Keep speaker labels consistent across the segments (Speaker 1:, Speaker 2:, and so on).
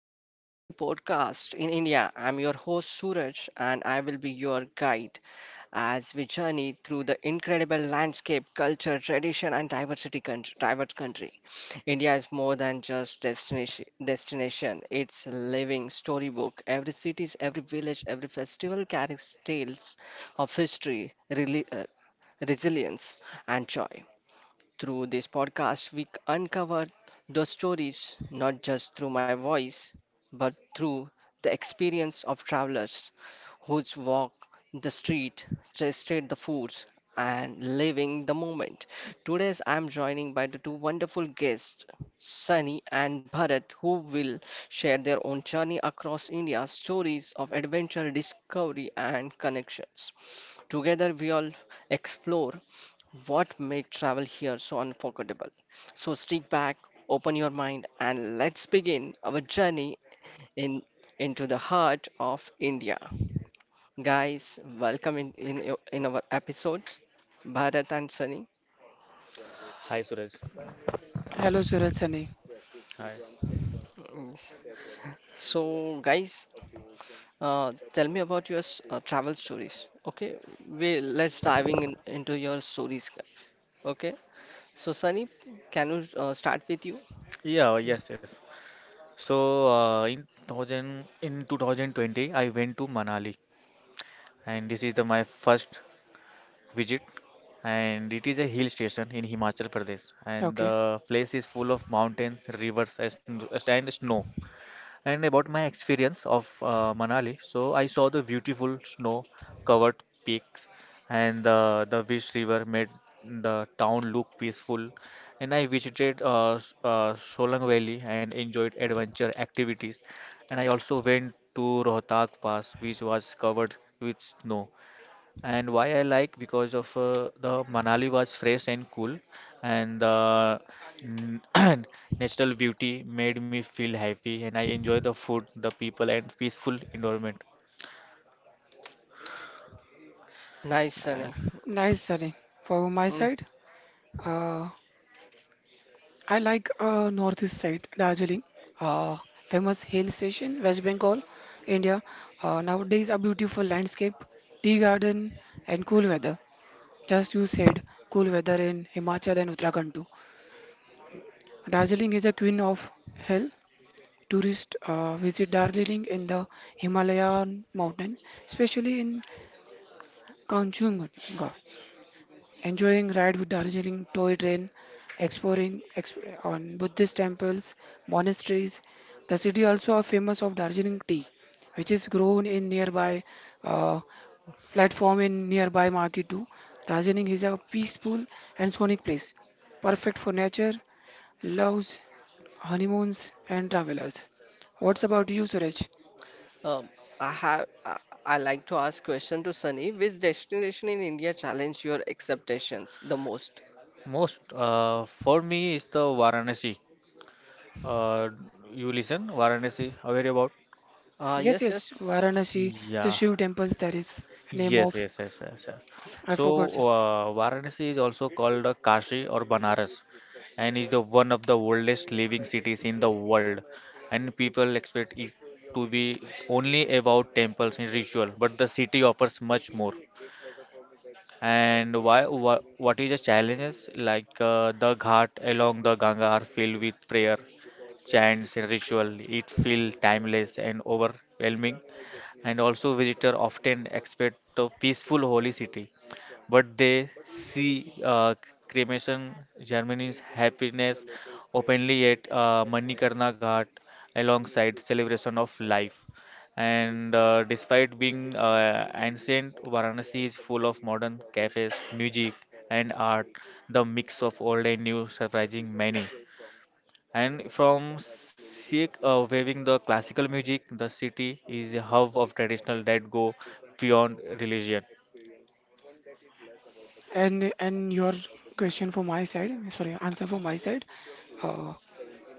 Speaker 1: to Travel Story Podcast in India. I'm your host Suraj and I will be your guide as we journey through the incredible landscape, culture, tradition and diverse country. India is more than just destination. It's a living storybook. Every city, every village, every festival carries tales of history, resilience and joy. Through this podcast, we uncover those stories not just through my voice, but through the experience of travelers who's walk the street, tasted the foods, and living the moment. Today's I'm joining by the two wonderful guests, Sunny and Bharat, who will share their own journey across India, stories of adventure, discovery, and connections. Together, we all explore what made travel here so unforgettable? So stick back, open your mind, and let's begin our journey in into the heart of India. Guys, welcome in our episode, Bharat and Sunny. S-
Speaker 2: Hi Suraj.
Speaker 3: Hello, Suraj Sunny.
Speaker 2: Hi.
Speaker 1: yes. So, guys, tell me about your travel stories. Okay, we let's diving in, into your stories, guys. Okay, so Sunny, can you start with you?
Speaker 2: Yeah, yes. So in 2020, I went to Manali, and this is the my first visit, and it is a hill station in Himachal Pradesh, and
Speaker 3: Okay,
Speaker 2: the place is full of mountains, rivers, and snow. And about my experience of Manali, so I saw the beautiful snow-covered peaks and the Wish River made the town look peaceful. And I visited Solang Valley and enjoyed adventure activities. And I also went to Rohtak Pass, which was covered with snow. And why I like because of the Manali was fresh and cool, and n- natural beauty made me feel happy, and I enjoy the food, the people, and peaceful environment.
Speaker 1: Nice,
Speaker 2: Uh,
Speaker 1: Sunny.
Speaker 3: nice Sunny. For my
Speaker 1: Mm-hmm.
Speaker 3: side, uh, I like northeast side, Darjeeling, uh, famous hill station, West Bengal, India. Nowadays, a beautiful landscape, tea garden, and cool weather. Just you said, cool weather in Himachal and Uttarakhand too. Darjeeling is a queen of hill. Tourists visit Darjeeling in the Himalayan mountain, especially in Kanchenjunga. Enjoying ride with Darjeeling toy train, on Buddhist temples, monasteries. The city also are famous of Darjeeling tea, which is grown in nearby uh, platform in nearby market too. Darjeeling is a peaceful and sonic place, perfect for nature, loves, honeymoons, and travelers. What's about you, Suraj?
Speaker 1: Um, I have I, I like to ask question to Sunny. Which destination in India challenge your expectations the most?
Speaker 2: most For me is the Varanasi. Uh, you listen, Varanasi, aware about?
Speaker 1: Ah
Speaker 3: Yes,
Speaker 1: yes,
Speaker 3: yes,
Speaker 1: yes.
Speaker 3: Varanasi, the
Speaker 2: Yeah,
Speaker 3: Shiv temples. That is name
Speaker 2: yes,
Speaker 3: of
Speaker 2: yes, yes, yes, yes.
Speaker 3: I
Speaker 2: So,
Speaker 3: forgot this.
Speaker 2: Varanasi is also called Kashi or Banaras, and is the one of the oldest living cities in the world. And people expect it to be only about temples and ritual, but the city offers much more. And why, what is the challenges? Like the ghat along the Ganga are filled with prayer, chants, and ritual. It feels timeless and overwhelming. And also, visitor often expect a peaceful holy city, but they see cremation Germany's happiness openly at Manikarna Ghat alongside celebration of life. And despite being ancient, Varanasi is full of modern cafes, music, and art. The mix of old and new surprising many. And from Sikh waving the classical music, the city is a hub of traditional that go beyond religion.
Speaker 3: And your question for my side, sorry, answer for my side. Uh,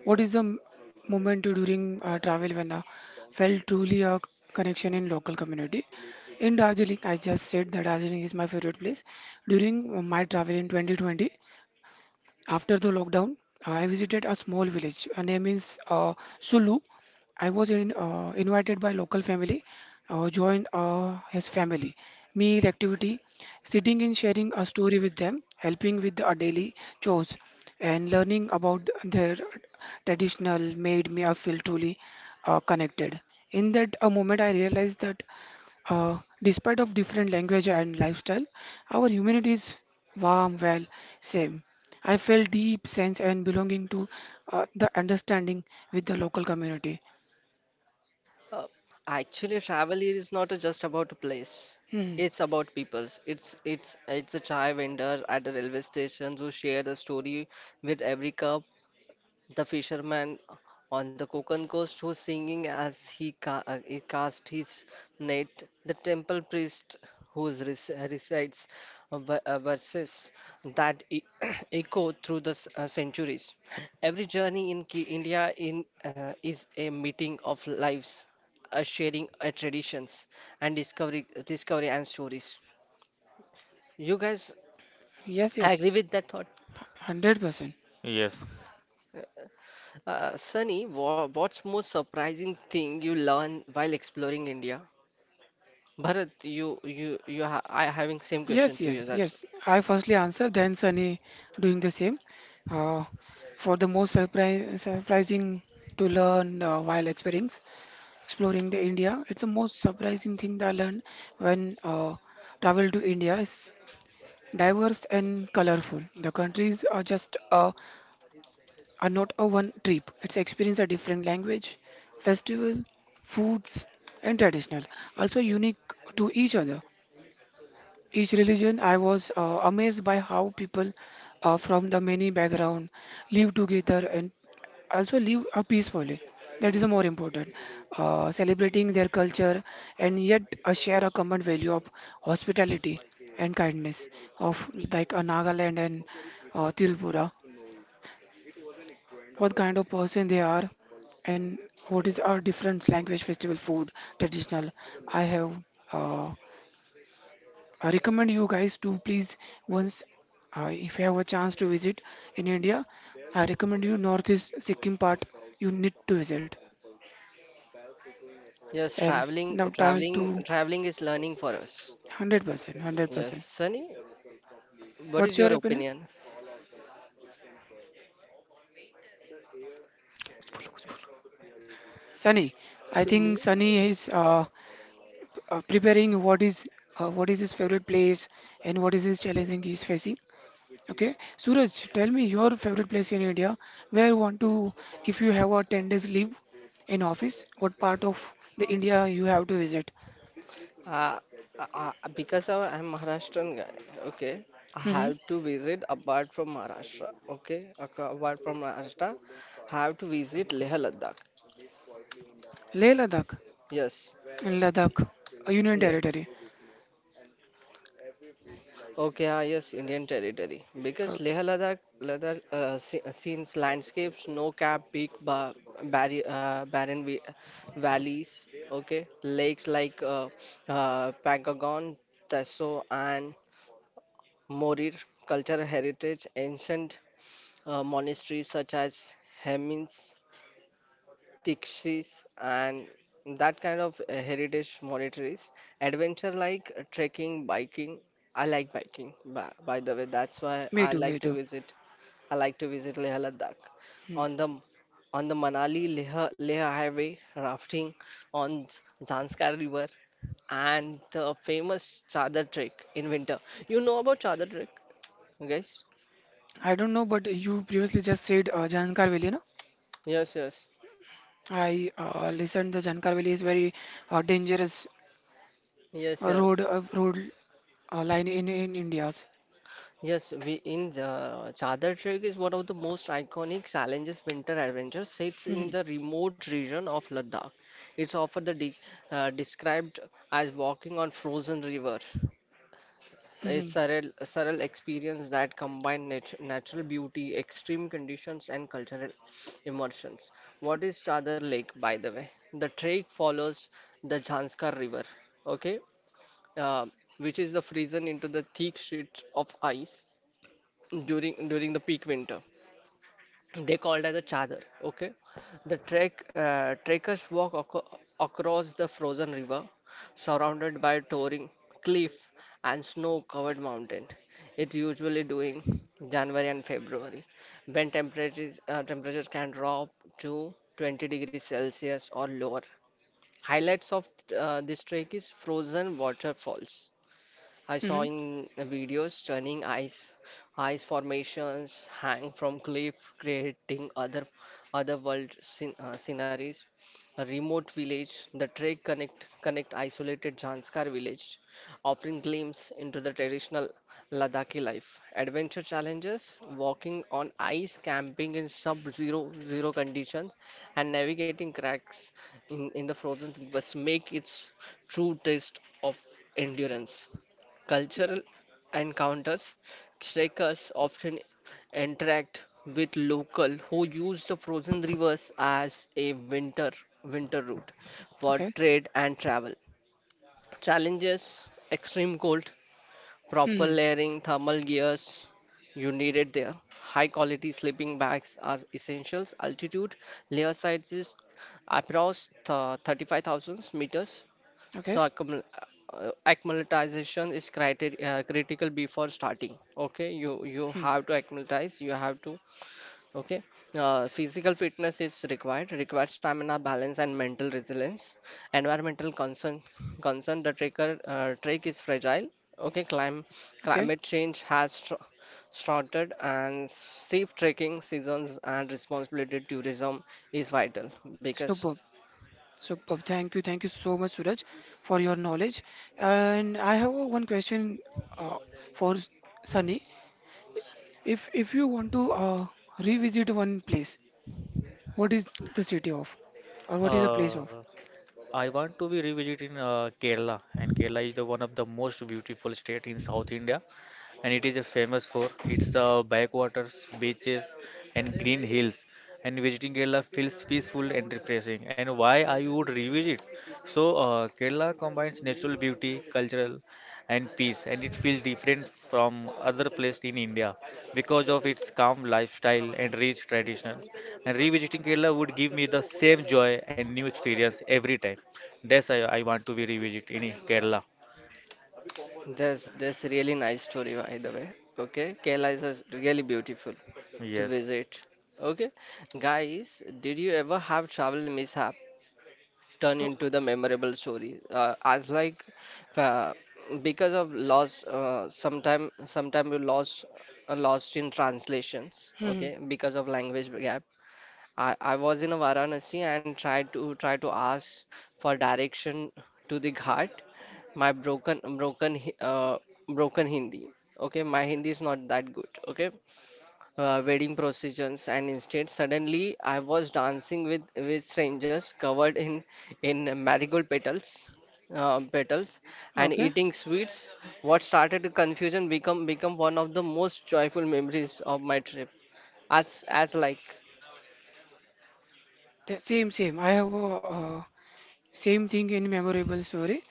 Speaker 3: what is the moment during travel when I felt truly a connection in local community? In Darjeeling, I just said that Darjeeling is my favorite place. During my travel in 2020, after the lockdown, I visited a small village. Her name is Sulu. I was in, invited by local family, joined his family. Meal activity, sitting and sharing a story with them, helping with the daily chores, and learning about their traditional made me feel truly connected. In that moment, I realized that despite of different language and lifestyle, our humanity is warm, well, same. I felt deep sense and belonging to the understanding with the local community.
Speaker 1: Uh, Actually, travel is not just about a place.
Speaker 3: Hmm.
Speaker 1: It's about peoples. It's a chai vendor at the railway station who share the story with every cup, the fisherman on the Konkan coast who's singing as he, he cast his net, the temple priest who recites verses that echo through the centuries. Every journey in India is a meeting of lives, a sharing of traditions, and discovery and stories. You guys
Speaker 3: Yes,
Speaker 1: agree
Speaker 3: yes,
Speaker 1: with that thought?
Speaker 3: 100%.
Speaker 2: Yes.
Speaker 1: Sunny, what's most surprising thing you learn while exploring India? Bharat, you ha I having same question
Speaker 3: Yes,
Speaker 1: to
Speaker 3: yes,
Speaker 1: you. That's
Speaker 3: yes. I firstly answer, then Sunny doing the same. Uh, for surprising to learn while experience exploring the India, it's the most surprising thing that I learned when travel to India. Is. Diverse and colorful. The countries are just a, are not a one trip. It's experience a different language, festival, foods, and traditional. Also unique to each other. Each religion, I was amazed by how people from the many background live together and also live peacefully. That is more important. Celebrating their culture and yet share a common value of hospitality and kindness of like a Nagaland and Tirupura. What kind of person they are and what is our different language, festival, food, traditional. I have uh, I recommend you guys to please once if you have a chance to visit in India, I recommend you northeast Sikkim part. You need to visit.
Speaker 1: yes,
Speaker 3: And now tie to
Speaker 1: traveling is learning for us.
Speaker 3: 100%,
Speaker 1: Yes,
Speaker 3: 100%.
Speaker 1: Sunny, what
Speaker 3: What's
Speaker 1: is
Speaker 3: your
Speaker 1: your
Speaker 3: opinion?
Speaker 1: opinion?
Speaker 3: Sunny, I think
Speaker 1: Sunny.
Speaker 3: Sunny is preparing what is his favorite place and what is his challenging he's facing. Okay, Suraj, tell me your favorite place in India. Where you want to, if you have a 10 days leave in office, what part of the India you have to visit?
Speaker 1: Uh, because I'm Maharashtrian guy, okay, I
Speaker 3: Mm-hmm.
Speaker 1: have to visit apart from Maharashtra, okay, apart from Maharashtra, have to visit Leh Ladakh.
Speaker 3: Leh Ladakh,
Speaker 1: Yes,
Speaker 3: Ladakh, a Union
Speaker 1: Leh.
Speaker 3: Territory.
Speaker 1: Okay, ah, yes, Indian territory. Because Leh
Speaker 3: Okay.
Speaker 1: Ladakh, Ladakh scenes landscapes, no cap, peak, barren valleys, okay, lakes like Pangagon, Teso, and Morir, cultural heritage, ancient monasteries such as Hemins, Tikshis and that kind of heritage monetaries. Adventure like trekking, biking. I like biking, by the way. That's why
Speaker 3: Me
Speaker 1: I
Speaker 3: too,
Speaker 1: like
Speaker 3: me
Speaker 1: to
Speaker 3: too.
Speaker 1: visit. I like to visit Leh Ladakh.
Speaker 3: Hmm.
Speaker 1: On the on the Manali Leh, Leh Highway, rafting on Zanskar River, and the famous Chadar Trek in winter. You know about Chadar Trek, guys?
Speaker 3: I don't know, but you previously just said Jankar Valley, no?
Speaker 1: Yes, yes,
Speaker 3: I listened the Jankar Valley is very dangerous
Speaker 1: yes,
Speaker 3: road
Speaker 1: yes.
Speaker 3: road line in India's.
Speaker 1: Yes, we in Chadar Trek is one of the most iconic challenges winter adventure sits in
Speaker 3: Hmm.
Speaker 1: the remote region of Ladakh. It's often the de described as walking on frozen river, a
Speaker 3: Hmm.
Speaker 1: surreal experience that combines natural beauty, extreme conditions, and cultural immersions. What is Chadar Lake, by the way? The trek follows the Janskar River, okay, uh, which is the frozen into the thick sheet of ice during the peak winter. They called as a chadar. Okay, the trekkers walk across the frozen river, surrounded by towering cliff and snow-covered mountain. It's usually during January and February, when temperatures can drop to 20 degrees Celsius or lower. Highlights of this trek is frozen waterfalls I saw
Speaker 3: Hmm.
Speaker 1: in videos stunning ice formations hang from cliff, creating otherworld sceneries. A remote village, the trek connect connect isolated Janskar village, offering glimpse into the traditional Ladakhi life. Adventure challenges, walking on ice, camping in sub-zero zero conditions, and navigating cracks in the frozen rivers make its true test of endurance. Cultural encounters trekkers often interact with local who use the frozen rivers as a winter route for
Speaker 3: Okay.
Speaker 1: trade and travel. Challenges extreme cold, proper
Speaker 3: Hmm.
Speaker 1: layering, thermal gears you need it there. High quality sleeping bags are essentials. Altitude layer sizes approx 35,000 meters
Speaker 3: Okay.
Speaker 1: so acclimatization is critical before starting. Okay, you
Speaker 3: Hmm.
Speaker 1: have to acclimatize. You have to okay. Physical fitness is required. Requires stamina, balance, and mental resilience. Environmental concern. The trek is fragile. Okay,
Speaker 3: Okay.
Speaker 1: climate change has str started, and safe trekking seasons and responsibility tourism is vital because
Speaker 3: Superb. Superb. Thank you. Thank you so much, Suraj, for your knowledge. And I have one question uh, for Sunny. If you want to revisit one place, what is the city of, or what is the
Speaker 2: Uh,
Speaker 3: place of?
Speaker 2: I want to be revisit in Kerala, and Kerala is the one of the most beautiful state in South India, and it is a famous for its backwaters, beaches, and green hills. And visiting Kerala feels peaceful and refreshing. And why I would revisit? So Kerala combines natural beauty, cultural and peace and it feels different from other places in India because of its calm lifestyle and rich traditions. And revisiting Kerala would give me the same joy and new experience every time. That's I want to be revisit in Kerala.
Speaker 1: That's really nice story by the way. Okay, Kerala is really beautiful to
Speaker 2: Yes.
Speaker 1: visit. Okay, guys, did you ever have travel mishap turn
Speaker 3: Oh,
Speaker 1: into the memorable story? As like uh, because of loss, sometime you lost lost in translations.
Speaker 3: hmm.
Speaker 1: Okay, because of language gap I was in Varanasi and tried to try to ask for direction to the ghat. My broken Hindi. Okay, my Hindi is not that good. Okay, wedding processions and instead suddenly I was dancing with strangers covered in marigold petals. Petals and
Speaker 3: Okay.
Speaker 1: eating sweets what started the confusion become one of the most joyful memories of my trip as like
Speaker 3: Same, same. I have a same thing in memorable story.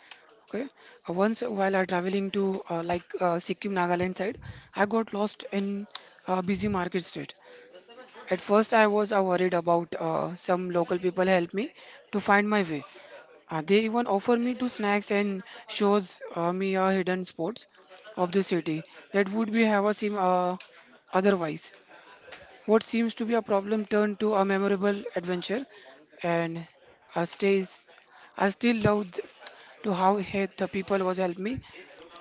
Speaker 3: Okay. Once while I traveling to like Sikkim, Nagaland side, I got lost in a busy market street. At first, I was worried about some local people help me to find my way. They even offer me two snacks and shows me hidden spots of the city that would be have a seem otherwise. What seems to be a problem turned to a memorable adventure, and I stays I still love to how he, the people was helped me.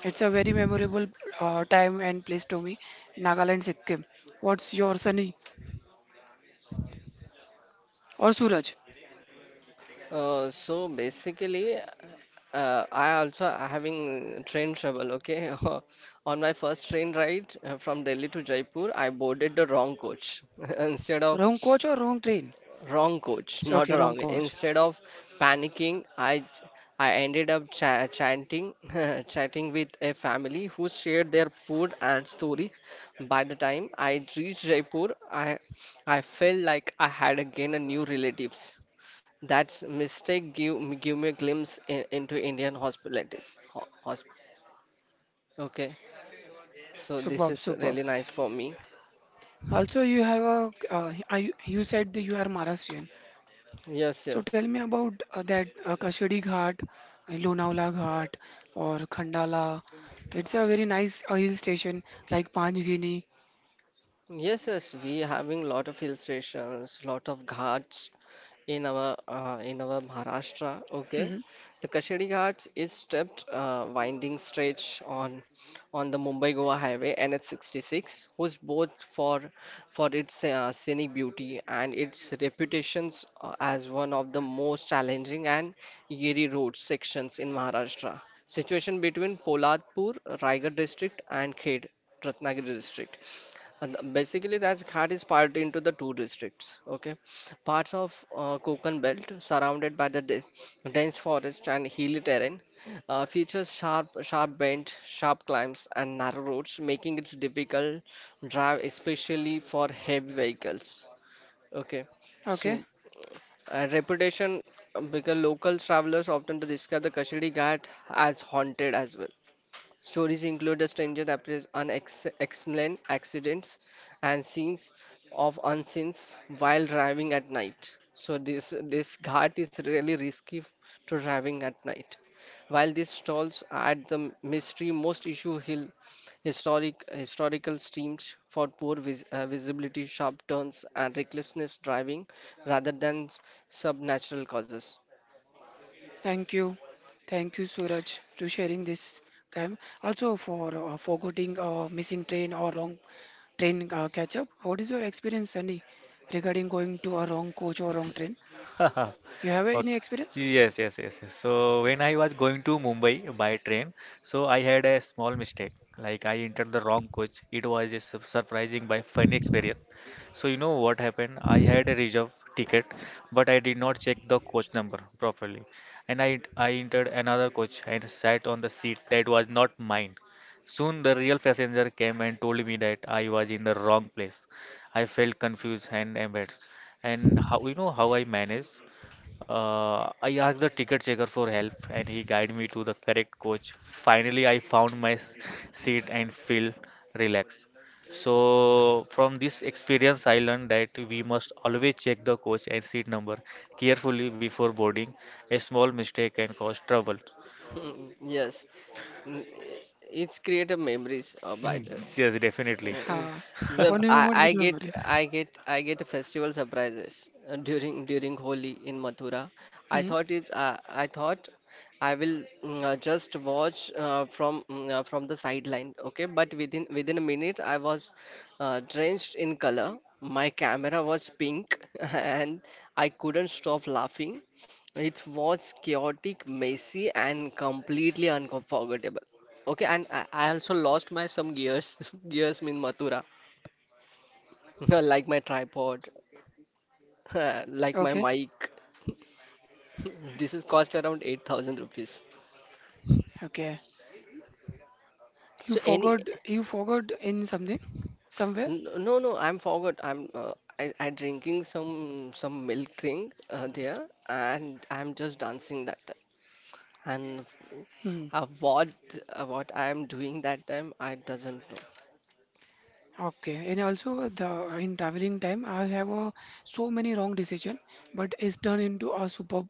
Speaker 3: It's a very memorable time and place to me. Nagaland, Sikkim. What's your Sunny or Suraj?
Speaker 1: So basically, I also having train trouble. Okay, on my first train ride from Delhi to Jaipur, I boarded the wrong coach instead of
Speaker 3: Wrong coach or wrong train?
Speaker 1: wrong coach, not
Speaker 3: Okay,
Speaker 1: a
Speaker 3: wrong
Speaker 1: wrong.
Speaker 3: coach.
Speaker 1: Instead of panicking, I ended up chanting, chatting with a family who shared their food and stories. By the time I reached Jaipur, I felt like I had again a new relatives. That's mistake give me a glimpse in, into Indian hospitalities. Okay, so this
Speaker 3: Superb,
Speaker 1: is
Speaker 3: superb.
Speaker 1: really nice for me.
Speaker 3: Also, you have a I, you said that you are Maharashtrian.
Speaker 1: Yes,
Speaker 3: So tell
Speaker 1: yes,
Speaker 3: me about that Kashedi Ghat, Lonavala Ghat, or Khandala. It's a very nice hill station like Panchgini.
Speaker 1: yes, yes. We having lot of hill stations, lot of ghats in our Maharashtra. Okay,
Speaker 3: Mhm.
Speaker 1: the Kashedi Ghats is stepped winding stretch on the Mumbai Goa Highway NH66, who's both for its scenic beauty and its reputations as one of the most challenging and eerie road sections in Maharashtra. Situation between Polatpur, Raigarh district, and Khed Ratnagiri district. And basically, that Ghat is part into the two districts. Okay, parts of Konkan belt surrounded by the dense forest and hilly terrain features sharp bends, sharp climbs, and narrow roads, making it difficult drive, especially for heavy vehicles. Okay,
Speaker 3: Okay.
Speaker 1: so reputation because local travelers often describe the Kashidi Ghat as haunted as well. Stories include a stranger that appears unexplained accidents and scenes of unsins while driving at night. So this ghat is really risky to driving at night. While this stalls at the mystery most issue hill historical streams for poor visibility, sharp turns and recklessness driving rather than subnatural causes.
Speaker 3: Thank you. Thank you, Suraj, to sharing this time. Also, for forgetting missing train or wrong train catch up, what is your experience, Sunny, regarding going to a wrong coach or wrong train? You have
Speaker 2: Okay.
Speaker 3: any experience?
Speaker 2: Yes. So when I was going to Mumbai by train, so I had a small mistake. Like I entered the wrong coach. It was a surprising by funny experience. So you know what happened? I had a reserve ticket, but I did not check the coach number properly, and I entered another coach and sat on the seat that was not mine. Soon the real passenger came and told me that I was in the wrong place. I felt confused and embarrassed. And how you know how I manage? I asked the ticket checker for help, and he guided me to the correct coach. Finally, I found my seat and feel relaxed. So, from this experience, I learned that we must always check the coach and seat number carefully before boarding. A small mistake can cause trouble.
Speaker 1: Hmm, yes. N- It's created memories by the
Speaker 2: Yes, definitely.
Speaker 3: Ha.
Speaker 1: It's- well,
Speaker 3: Funny moment with memories.
Speaker 1: I get festival surprises during Holi in Mathura. I
Speaker 3: Hmm.
Speaker 1: thought it uh, I thought I will just watch from the sideline, okay? But within a minute, I was drenched in color. My camera was pink, and I couldn't stop laughing. It was chaotic, messy, and completely unforgettable. Okay, and I also lost my some gears. Gears mean Mathura, like my tripod, like my
Speaker 3: Okay.
Speaker 1: mic. This is cost around 8,000 rupees.
Speaker 3: Okay. You
Speaker 1: So any
Speaker 3: forgot. You forgot in something, somewhere.
Speaker 1: no, I'm forgot I drinking some milk thing there and I'm just dancing that time. And
Speaker 3: Hmm.
Speaker 1: uh, what what I'm doing that time I doesn't know
Speaker 3: Okay, and also the in traveling time, I have so many wrong decision, but it's turned into a superb,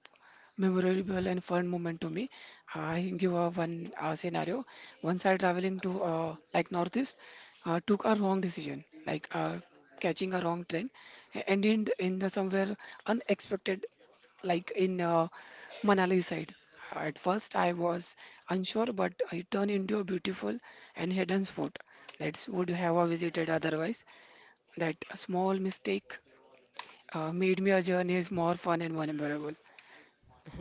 Speaker 3: memorable and fun moment to me. I give one scenario. Once I traveling to like northeast, took a wrong decision, like catching a wrong train, and in the somewhere unexpected, like in Manali side. At first, I was unsure, but it turned into a beautiful and hidden spot that would have I visited otherwise. That small mistake made me a journey is more fun and memorable.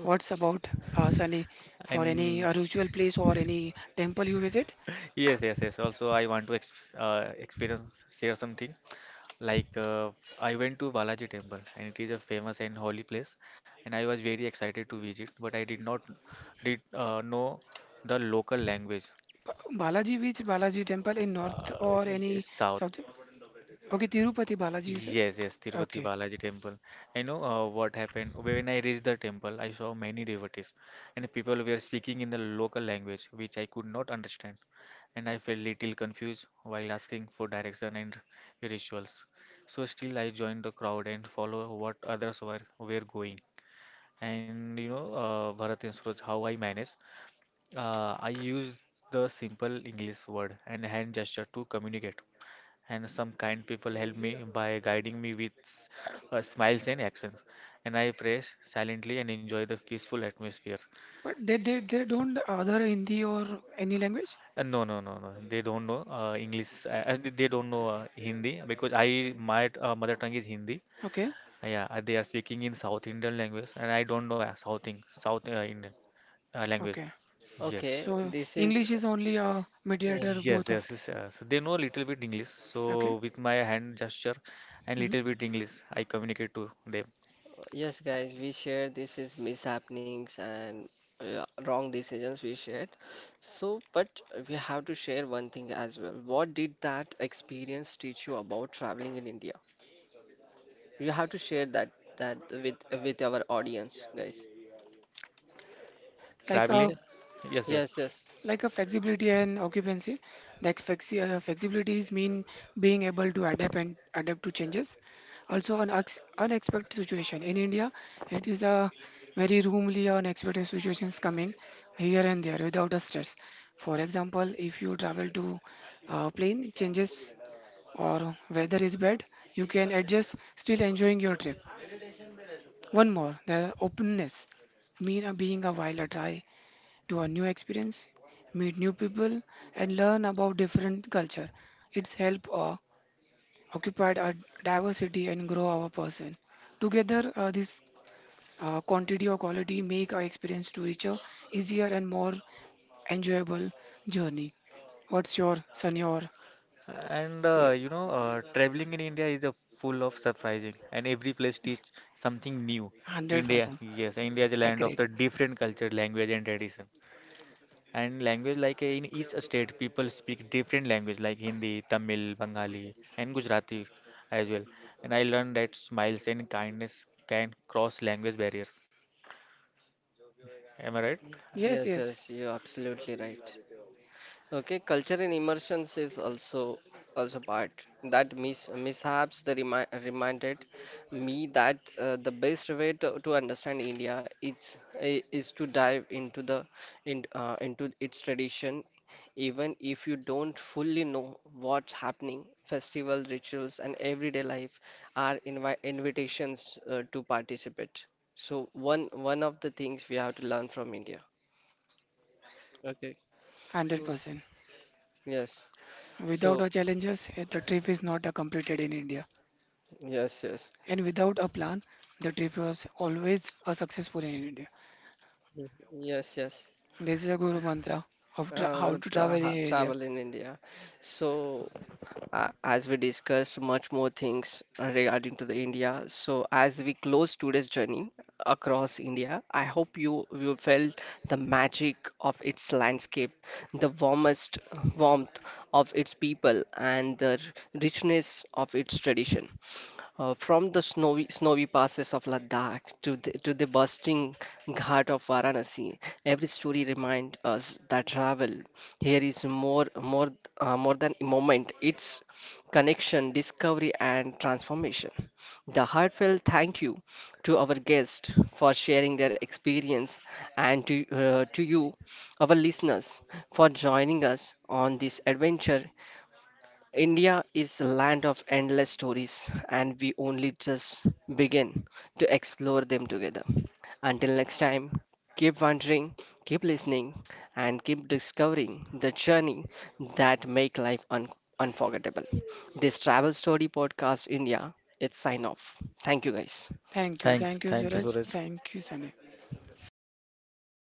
Speaker 3: What's about Sunny? For any
Speaker 2: And
Speaker 3: ritual place or any temple you visit?
Speaker 2: yes. Also, I want to ex experience share something. Like I went to Balaji Temple and it is a famous and holy place and I was very excited to visit but I did not did know the local language
Speaker 3: Balaji, which Balaji temple in north or any
Speaker 2: South
Speaker 3: south? Okay, Tirupati Balaji, you said.
Speaker 2: Yes, Tirupati
Speaker 3: Okay,
Speaker 2: Balaji temple. I know what happened when I reached the temple. I saw many devotees, and people were speaking in the local language, which I could not understand, and I felt little confused while asking for direction and rituals. So still, I joined the crowd and follow what others were going. And you know, Bharat and Suraj, how I managed. I used the simple English word and hand gesture to communicate and some kind people help me by guiding me with smiles and actions. And I pray silently and enjoy the peaceful atmosphere.
Speaker 3: but they don't other Hindi or any language?
Speaker 2: No. They don't know English. They don't know Hindi because I my mother tongue is Hindi.
Speaker 3: Okay,
Speaker 2: Yeah, they are speaking in South Indian language, and I don't know South Indian language.
Speaker 3: okay.
Speaker 2: Yes.
Speaker 1: okay
Speaker 3: So
Speaker 1: this is
Speaker 3: English is only a mediator
Speaker 1: yes.
Speaker 3: of
Speaker 2: Yes,
Speaker 3: both of
Speaker 2: yes, yes. So they know a little bit English.
Speaker 3: them. Okay,
Speaker 2: So with my hand gesture and
Speaker 3: hmm,
Speaker 2: little bit English, I communicate to them.
Speaker 1: Yes, guys, we shared this is mishappenings and wrong decisions we shared. So, but we have to share one thing as well. What did that experience teach you about traveling in India? You have to share that with our audience, guys.
Speaker 3: like
Speaker 2: Traveling,
Speaker 3: a
Speaker 1: Okay.
Speaker 2: yes,
Speaker 1: Yes,
Speaker 2: yes.
Speaker 1: yes,
Speaker 3: like a flexibility and occupancy. Like flexibility is mean being able to adapt and adapt to changes. Also, an ex unexpected situation in India, it is a very roomly unexpected situations coming here and there without a stress. For example, if you travel to a plane changes or weather is bad, you can adjust still enjoying your trip. One more, the openness. Mean being a while a try to a new experience, meet new people, and learn about different culture. It's help occupy our diversity and grow our person. Together, this quantity or quality make our experience to richer, easier, and more enjoyable journey. What's your Sunny or
Speaker 2: And
Speaker 3: Suraj?
Speaker 2: you know, traveling in India is a full of surprising, and every place teach something new.
Speaker 3: Hundred
Speaker 2: India,
Speaker 3: percent
Speaker 2: yes, India is a land of
Speaker 3: accurate.
Speaker 2: the different culture, language, and tradition. And language, like in each state, people speak different language, like Hindi, Tamil, Bengali, and Gujarati as well. And I learned that smiles and kindness can cross language barriers. Am I right?
Speaker 3: Yes,
Speaker 1: yes,
Speaker 3: yes,
Speaker 1: yes. You're absolutely right. Okay, culture and immersions is also also part that mishaps the reminded me that the best way to understand India is is to dive into the into its tradition, even if you don't fully know what's happening. Festival rituals and everyday life are invitations to participate. So one of the things we have to learn from India. Okay.
Speaker 3: hundred
Speaker 1: Mm.
Speaker 3: percent.
Speaker 1: Yes.
Speaker 3: Without
Speaker 1: So.
Speaker 3: our challenges, eh, the trip is not completed in India.
Speaker 1: Yes, yes,
Speaker 3: And without a plan, the trip was always a successful in India.
Speaker 1: Mm, yes, yes.
Speaker 3: This is a guru mantra of how to travel in India.
Speaker 1: Travel in India. So, as we discussed much more things regarding to the India. So, as we close today's journey across India, I hope you felt the magic of its landscape, the warmest warmth of its people, and the richness of its tradition. From the snowy passes of Ladakh to the bursting ghat of Varanasi, every story reminds us that travel here is more than a moment. It's connection, discovery, and transformation. The heartfelt thank you to our guests for sharing their experience, and to you, our listeners, for joining us on this adventure India is a land of endless stories, and we only just begin to explore them together. Until next time, keep wondering, keep listening, and keep discovering the journey that make life unforgettable. This Travel Story Podcast India, it's sign off. Thank you guys.
Speaker 3: Thank you.
Speaker 2: Thanks,
Speaker 3: Thank you,
Speaker 2: thank you,
Speaker 3: Suraj.
Speaker 2: Suraj.
Speaker 3: Thank you, Sanay.